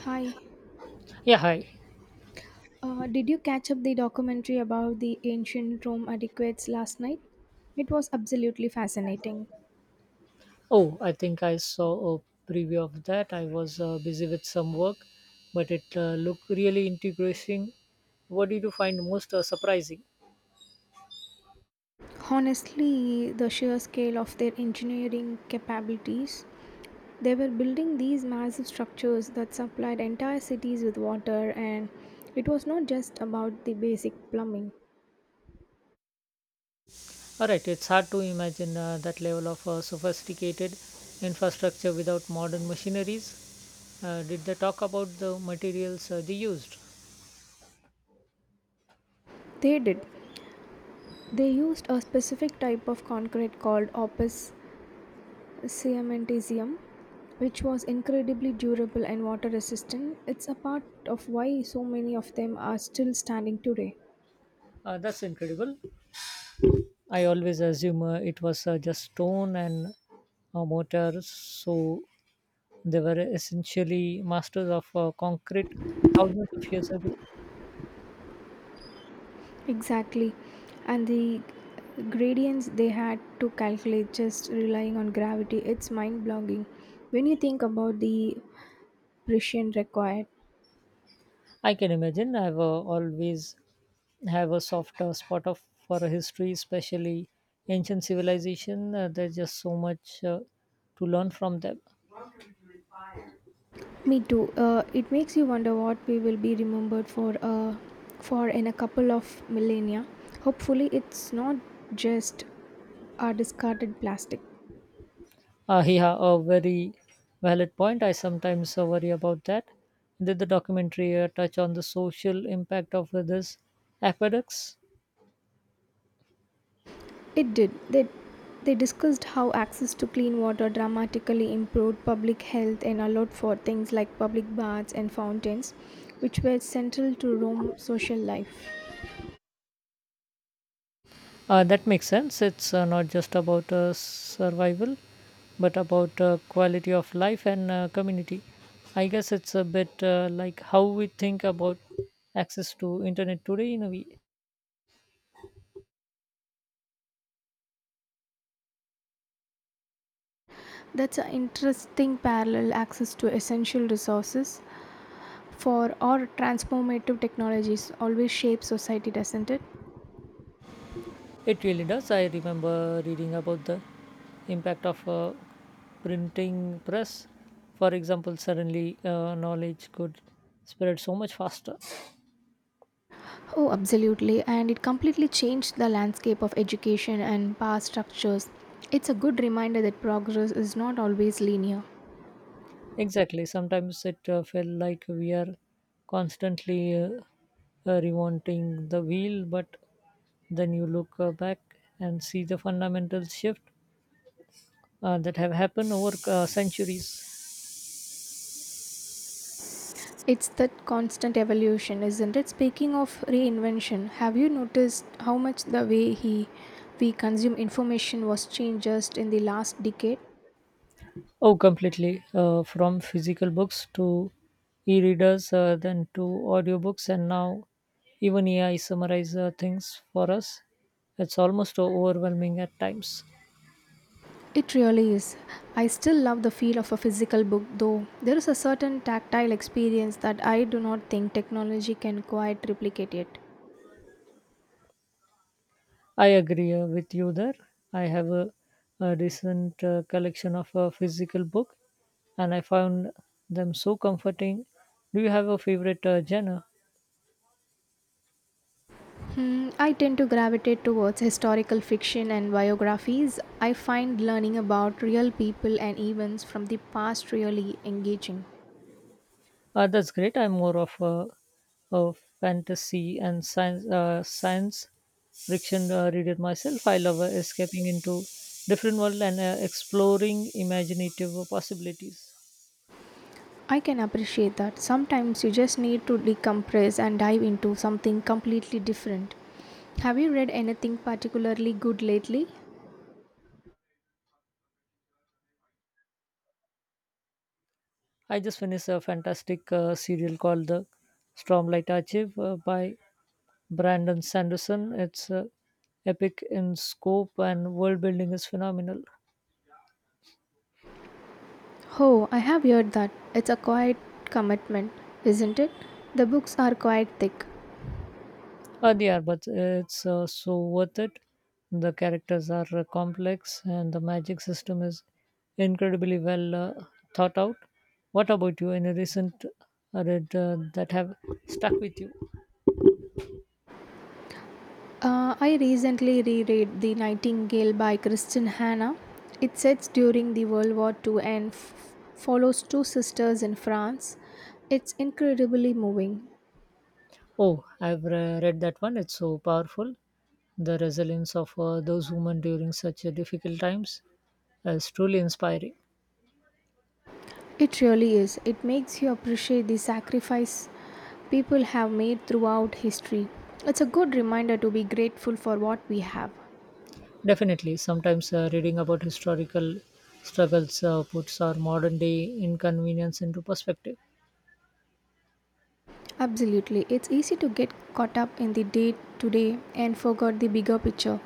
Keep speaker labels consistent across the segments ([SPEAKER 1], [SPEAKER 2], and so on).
[SPEAKER 1] Hi.
[SPEAKER 2] Yeah, hi.
[SPEAKER 1] Did you catch up the documentary about the ancient Rome adequates last night? It was absolutely fascinating.
[SPEAKER 2] Oh, I think I saw a preview of that. I was busy with some work, but it looked really interesting. What did you find most surprising?
[SPEAKER 1] Honestly, the sheer scale of their engineering capabilities. They were building these massive structures that supplied entire cities with water, and it was not just about the basic plumbing.
[SPEAKER 2] All right, it's hard to imagine that level of sophisticated infrastructure without modern machineries. Did they talk about the materials they used?
[SPEAKER 1] They did. They used a specific type of concrete called opus cementitium which was incredibly durable and water resistant. It's a part of why so many of them are still standing today.
[SPEAKER 2] That's incredible. I always assume it was just stone and a mortar, so they were essentially masters of concrete thousands of years ago.
[SPEAKER 1] Exactly. And the gradients they had to calculate just relying on gravity, it's mind blowing. When you think about the precision required,
[SPEAKER 2] I can imagine. I've always have a soft spot of for history, especially ancient civilization. There's just so much to learn from them.
[SPEAKER 1] me too. It makes you wonder what we will be remembered for for in a couple of millennia. Hopefully, it's not just our discarded plastic.
[SPEAKER 2] Yeah, a very valid point. I sometimes worry about that. Did the documentary touch on the social impact of this aqueducts?
[SPEAKER 1] It did. They discussed how access to clean water dramatically improved public health and allowed for things like public baths and fountains, which were central to Rome's social life.
[SPEAKER 2] That makes sense. It's not just about survival, but about quality of life and community. I guess it's a bit like how we think about access to internet today. In a way,
[SPEAKER 1] That's an interesting parallel. Access to essential resources for or transformative technologies always shape society, doesn't it?
[SPEAKER 2] it really does. I remember reading about the impact of a printing press, for example. Suddenly, knowledge could spread so much faster.
[SPEAKER 1] Oh, absolutely. And it completely changed the landscape of education and power structures. It's a good reminder that progress is not always linear.
[SPEAKER 2] Exactly. Sometimes it felt like we are constantly remounting the wheel, but then you look back and see the fundamental shift that have happened over centuries.
[SPEAKER 1] It's that constant evolution, isn't it? Speaking of reinvention, have you noticed how much the way he we consume information was changed just in the last decade?
[SPEAKER 2] Oh, completely. From physical books to e-readers, then to audiobooks, and now even AI summarize things for us. It's almost overwhelming at times.
[SPEAKER 1] It really is. I still love the feel of a physical book though. There is a certain tactile experience that I do not think technology can quite replicate yet.
[SPEAKER 2] I agree with you there. I have a recent collection of a physical book, and I found them so comforting. Do you have a favorite genre?
[SPEAKER 1] Hmm, I tend to gravitate towards historical fiction and biographies. I find learning about real people and events from the past really engaging.
[SPEAKER 2] That's great. I'm more of a fantasy and science fiction reader myself. I love escaping into different world and exploring imaginative possibilities.
[SPEAKER 1] I can appreciate that. Sometimes you just need to decompress and dive into something completely different. Have you read anything particularly good lately?
[SPEAKER 2] I just finished a fantastic serial called The Stormlight Archive by Brandon Sanderson. It's epic in scope and world building is phenomenal.
[SPEAKER 1] Oh, I have heard that. It's a quiet commitment, isn't it? The books are quite thick.
[SPEAKER 2] Yeah, but it's so worth it. The characters are complex and the magic system is incredibly well thought out. What about you? Any recent read that have stuck with you?
[SPEAKER 1] I recently reread The Nightingale by Kristen Hannah. It sets during the World War II and follows two sisters in France. It's incredibly moving.
[SPEAKER 2] Oh, I've read that one. It's so powerful. The resilience of those women during such difficult times is truly inspiring.
[SPEAKER 1] It really is. It makes you appreciate the sacrifice people have made throughout history. It's a good reminder to be grateful for what we have.
[SPEAKER 2] Definitely, sometimes reading about historical struggles puts our modern day inconvenience into perspective.
[SPEAKER 1] Absolutely. It's easy to get caught up in the day to day and forget the bigger picture.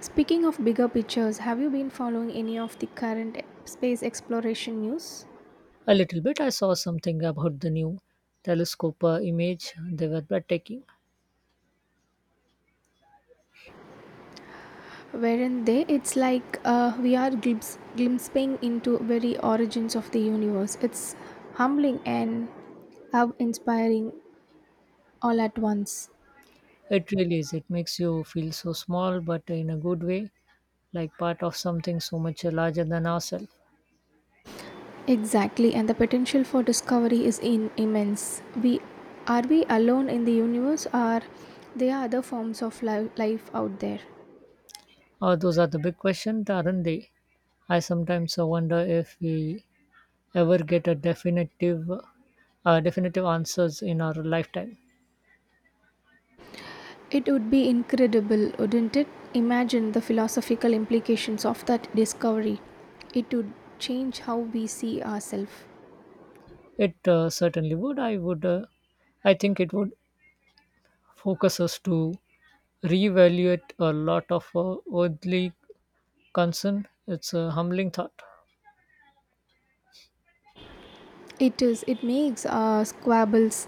[SPEAKER 1] Speaking of bigger pictures, have you been following any of the current space exploration news?
[SPEAKER 2] A little bit, I saw something about the new telescope image, they were breathtaking.
[SPEAKER 1] Wherein they, it's like we are glimpsing into very origins of the universe. It's humbling and awe-inspiring all at once.
[SPEAKER 2] It really is, it makes you feel so small, but in a good way, like part of something so much larger than ourselves.
[SPEAKER 1] Exactly, and the potential for discovery is in immense. We we alone in the universe, or there are other forms of life out there?
[SPEAKER 2] Those are the big questions, aren't they? I sometimes wonder if we ever get a definitive answers in our lifetime.
[SPEAKER 1] It would be incredible, wouldn't it? Imagine the philosophical implications of that discovery. It would change how we see ourselves.
[SPEAKER 2] It certainly would. I would. I think it would focus us to reevaluate a lot of worldly concern. It's a humbling thought.
[SPEAKER 1] It is. It makes our squabbles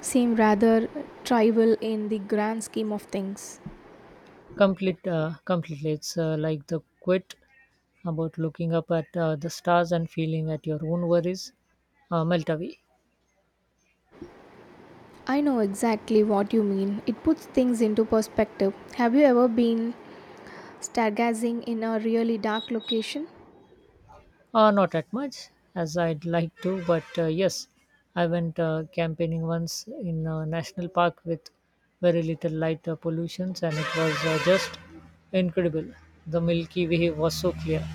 [SPEAKER 1] seem rather trivial in the grand scheme of things.
[SPEAKER 2] Completely. It's like the quit about looking up at the stars and feeling at your own worries melt away.
[SPEAKER 1] I know exactly what you mean. It puts things into perspective. Have you ever been stargazing in a really dark location?
[SPEAKER 2] Not that much as I'd like to, but yes, I went campaigning once in a national park with very little light pollutions, and it was just incredible. The Milky Way was so clear.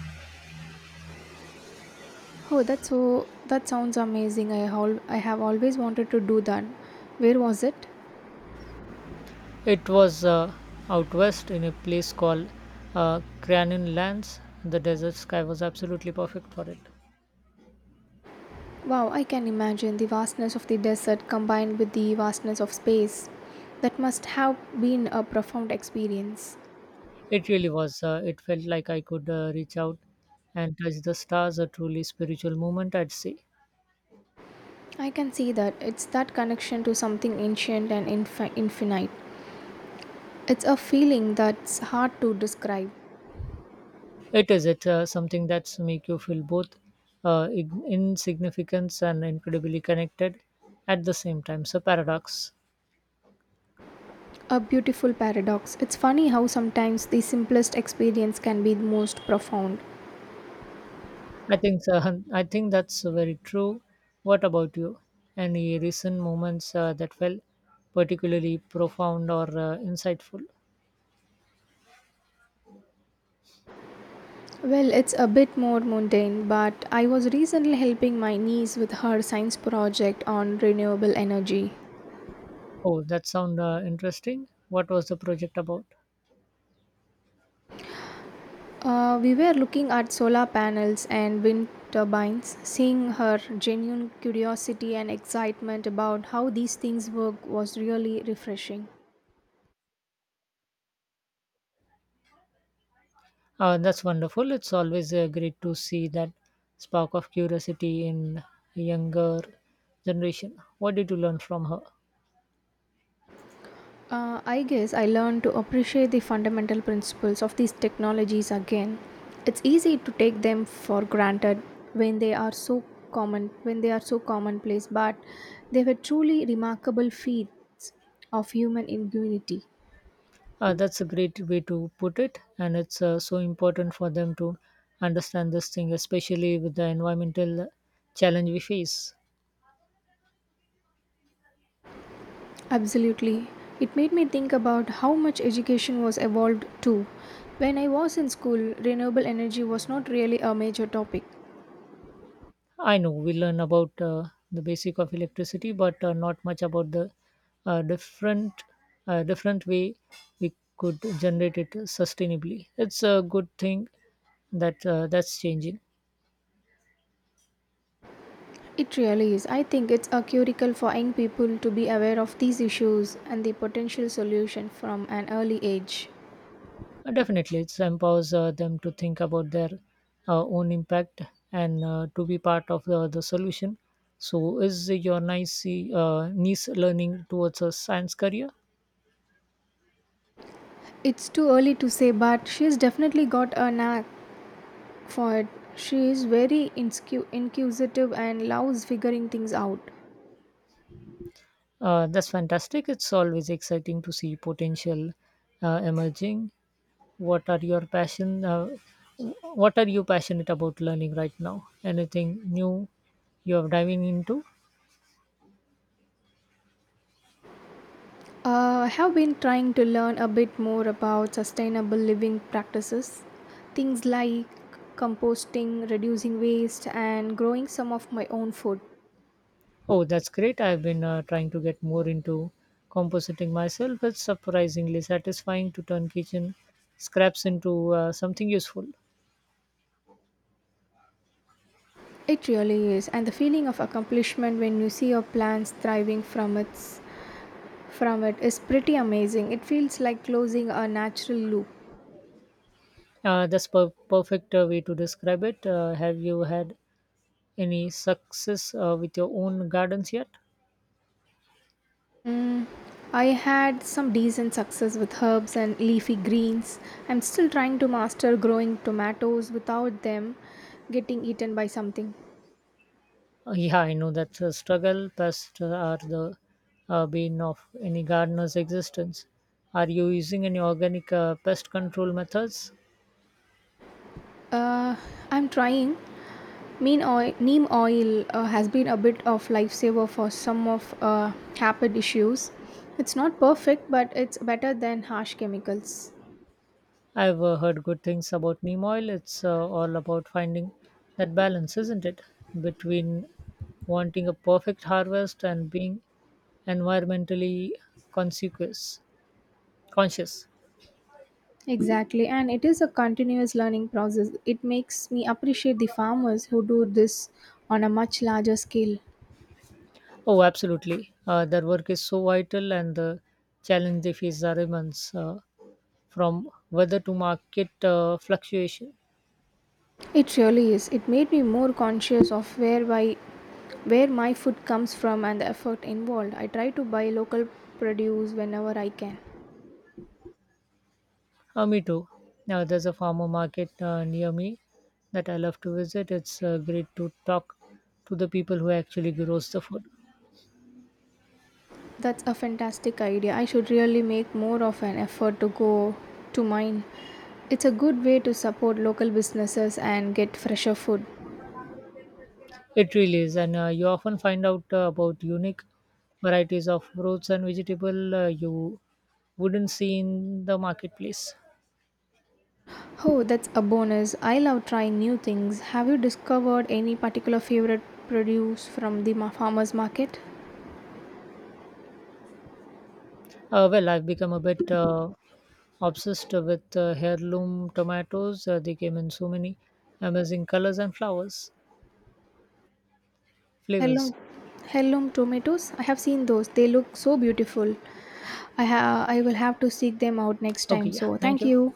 [SPEAKER 1] Oh, that's so that sounds amazing. I have always wanted to do that. Where was it?
[SPEAKER 2] It was out west in a place called Cranon Lands. The desert sky was absolutely perfect for it.
[SPEAKER 1] Wow, I can imagine the vastness of the desert combined with the vastness of space. That must have been a profound experience.
[SPEAKER 2] It really was. It felt like I could reach out and touch the stars, a truly spiritual moment, I'd say.
[SPEAKER 1] I can see that it's that connection to something ancient and infinite. It's a feeling that's hard to describe.
[SPEAKER 2] It is. It something that's make you feel both insignificant and incredibly connected at the same time. So paradox.
[SPEAKER 1] A beautiful paradox. It's funny how sometimes the simplest experience can be the most profound.
[SPEAKER 2] I think that's very true. What about you? Any recent moments that felt particularly profound or insightful?
[SPEAKER 1] Well, it's a bit more mundane, but I was recently helping my niece with her science project on renewable energy.
[SPEAKER 2] Oh, that sound interesting. What was the project about?
[SPEAKER 1] We were looking at solar panels and wind turbines. Seeing her genuine curiosity and excitement about how these things work was really refreshing.
[SPEAKER 2] That's wonderful. It's always great to see that spark of curiosity in a younger generation. What did you learn from her?
[SPEAKER 1] I guess I learned to appreciate the fundamental principles of these technologies again. It's easy to take them for granted when they are so when they are so commonplace, but they were truly remarkable feats of human ingenuity.
[SPEAKER 2] That's a great way to put it, and it's so important for them to understand this thing, especially with the environmental challenge we face.
[SPEAKER 1] Absolutely. It made me think about how much education was evolved too. When I was in school, renewable energy was not really a major topic.
[SPEAKER 2] I know we learn about the basic of electricity, but not much about the uh, different different way we could generate it sustainably. It's a good thing that that's changing.
[SPEAKER 1] It really is. I think it's a curricle for young people to be aware of these issues and the potential solution from an early age.
[SPEAKER 2] Definitely, it empowers them to think about their own impact and to be part of the solution. So, is your nice niece learning towards a science career?
[SPEAKER 1] It's too early to say, but she's definitely got a knack for it. She is very inquisitive and loves figuring things out.
[SPEAKER 2] That's fantastic. It's always exciting to see potential emerging. What are your passion? What are you passionate about learning right now? Anything new you are diving into?
[SPEAKER 1] I have been trying to learn a bit more about sustainable living practices, things like composting, reducing waste, and growing some of my own food.
[SPEAKER 2] Oh, that's great. I've been trying to get more into compositing myself. It's surprisingly satisfying to turn kitchen scraps into something useful.
[SPEAKER 1] It really is, and the feeling of accomplishment when you see your plans thriving from it is pretty amazing. It feels like closing a natural loop.
[SPEAKER 2] Perfect way to describe it. Have you had any success with your own gardens yet?
[SPEAKER 1] I had some decent success with herbs and leafy greens. I'm still trying to master growing tomatoes without them getting eaten by something.
[SPEAKER 2] Yeah, I know that's a struggle. Pests are the bane of any gardener's existence. Are you using any organic pest control methods?
[SPEAKER 1] Uh, I'm trying. Neem oil has been a bit of lifesaver for some of habit issues. It's not perfect, but it's better than harsh chemicals.
[SPEAKER 2] I've heard good things about neem oil. It's all about finding that balance, isn't it? Between wanting a perfect harvest and being environmentally consequous, conscious.
[SPEAKER 1] Exactly, and it is a continuous learning process. It makes me appreciate the farmers who do this on a much larger scale.
[SPEAKER 2] Oh, absolutely. Their work is so vital, and the challenge they face are immense from weather to market fluctuations.
[SPEAKER 1] It really is. It made me more conscious of where my food comes from and the effort involved. I try to buy local produce whenever I can.
[SPEAKER 2] Me too. Now, there's a farmer market near me that I love to visit. It's great to talk to the people who actually grows the food.
[SPEAKER 1] That's a fantastic idea. I should really make more of an effort to go to mine. It's a good way to support local businesses and get fresher food.
[SPEAKER 2] It really is, and you often find out about unique varieties of fruits and vegetable you wouldn't see in the marketplace.
[SPEAKER 1] Oh, that's a bonus. I love trying new things. Have you discovered any particular favorite produce from the farmers market?
[SPEAKER 2] Well, I've become a bit obsessed with heirloom tomatoes. They came in so many amazing flavors.
[SPEAKER 1] Hello, heirloom tomatoes. I have seen those. They look so beautiful. I will have to seek them out next
[SPEAKER 2] Okay,
[SPEAKER 1] time.
[SPEAKER 2] yeah,
[SPEAKER 1] So,
[SPEAKER 2] thank
[SPEAKER 1] thank
[SPEAKER 2] you.
[SPEAKER 1] you.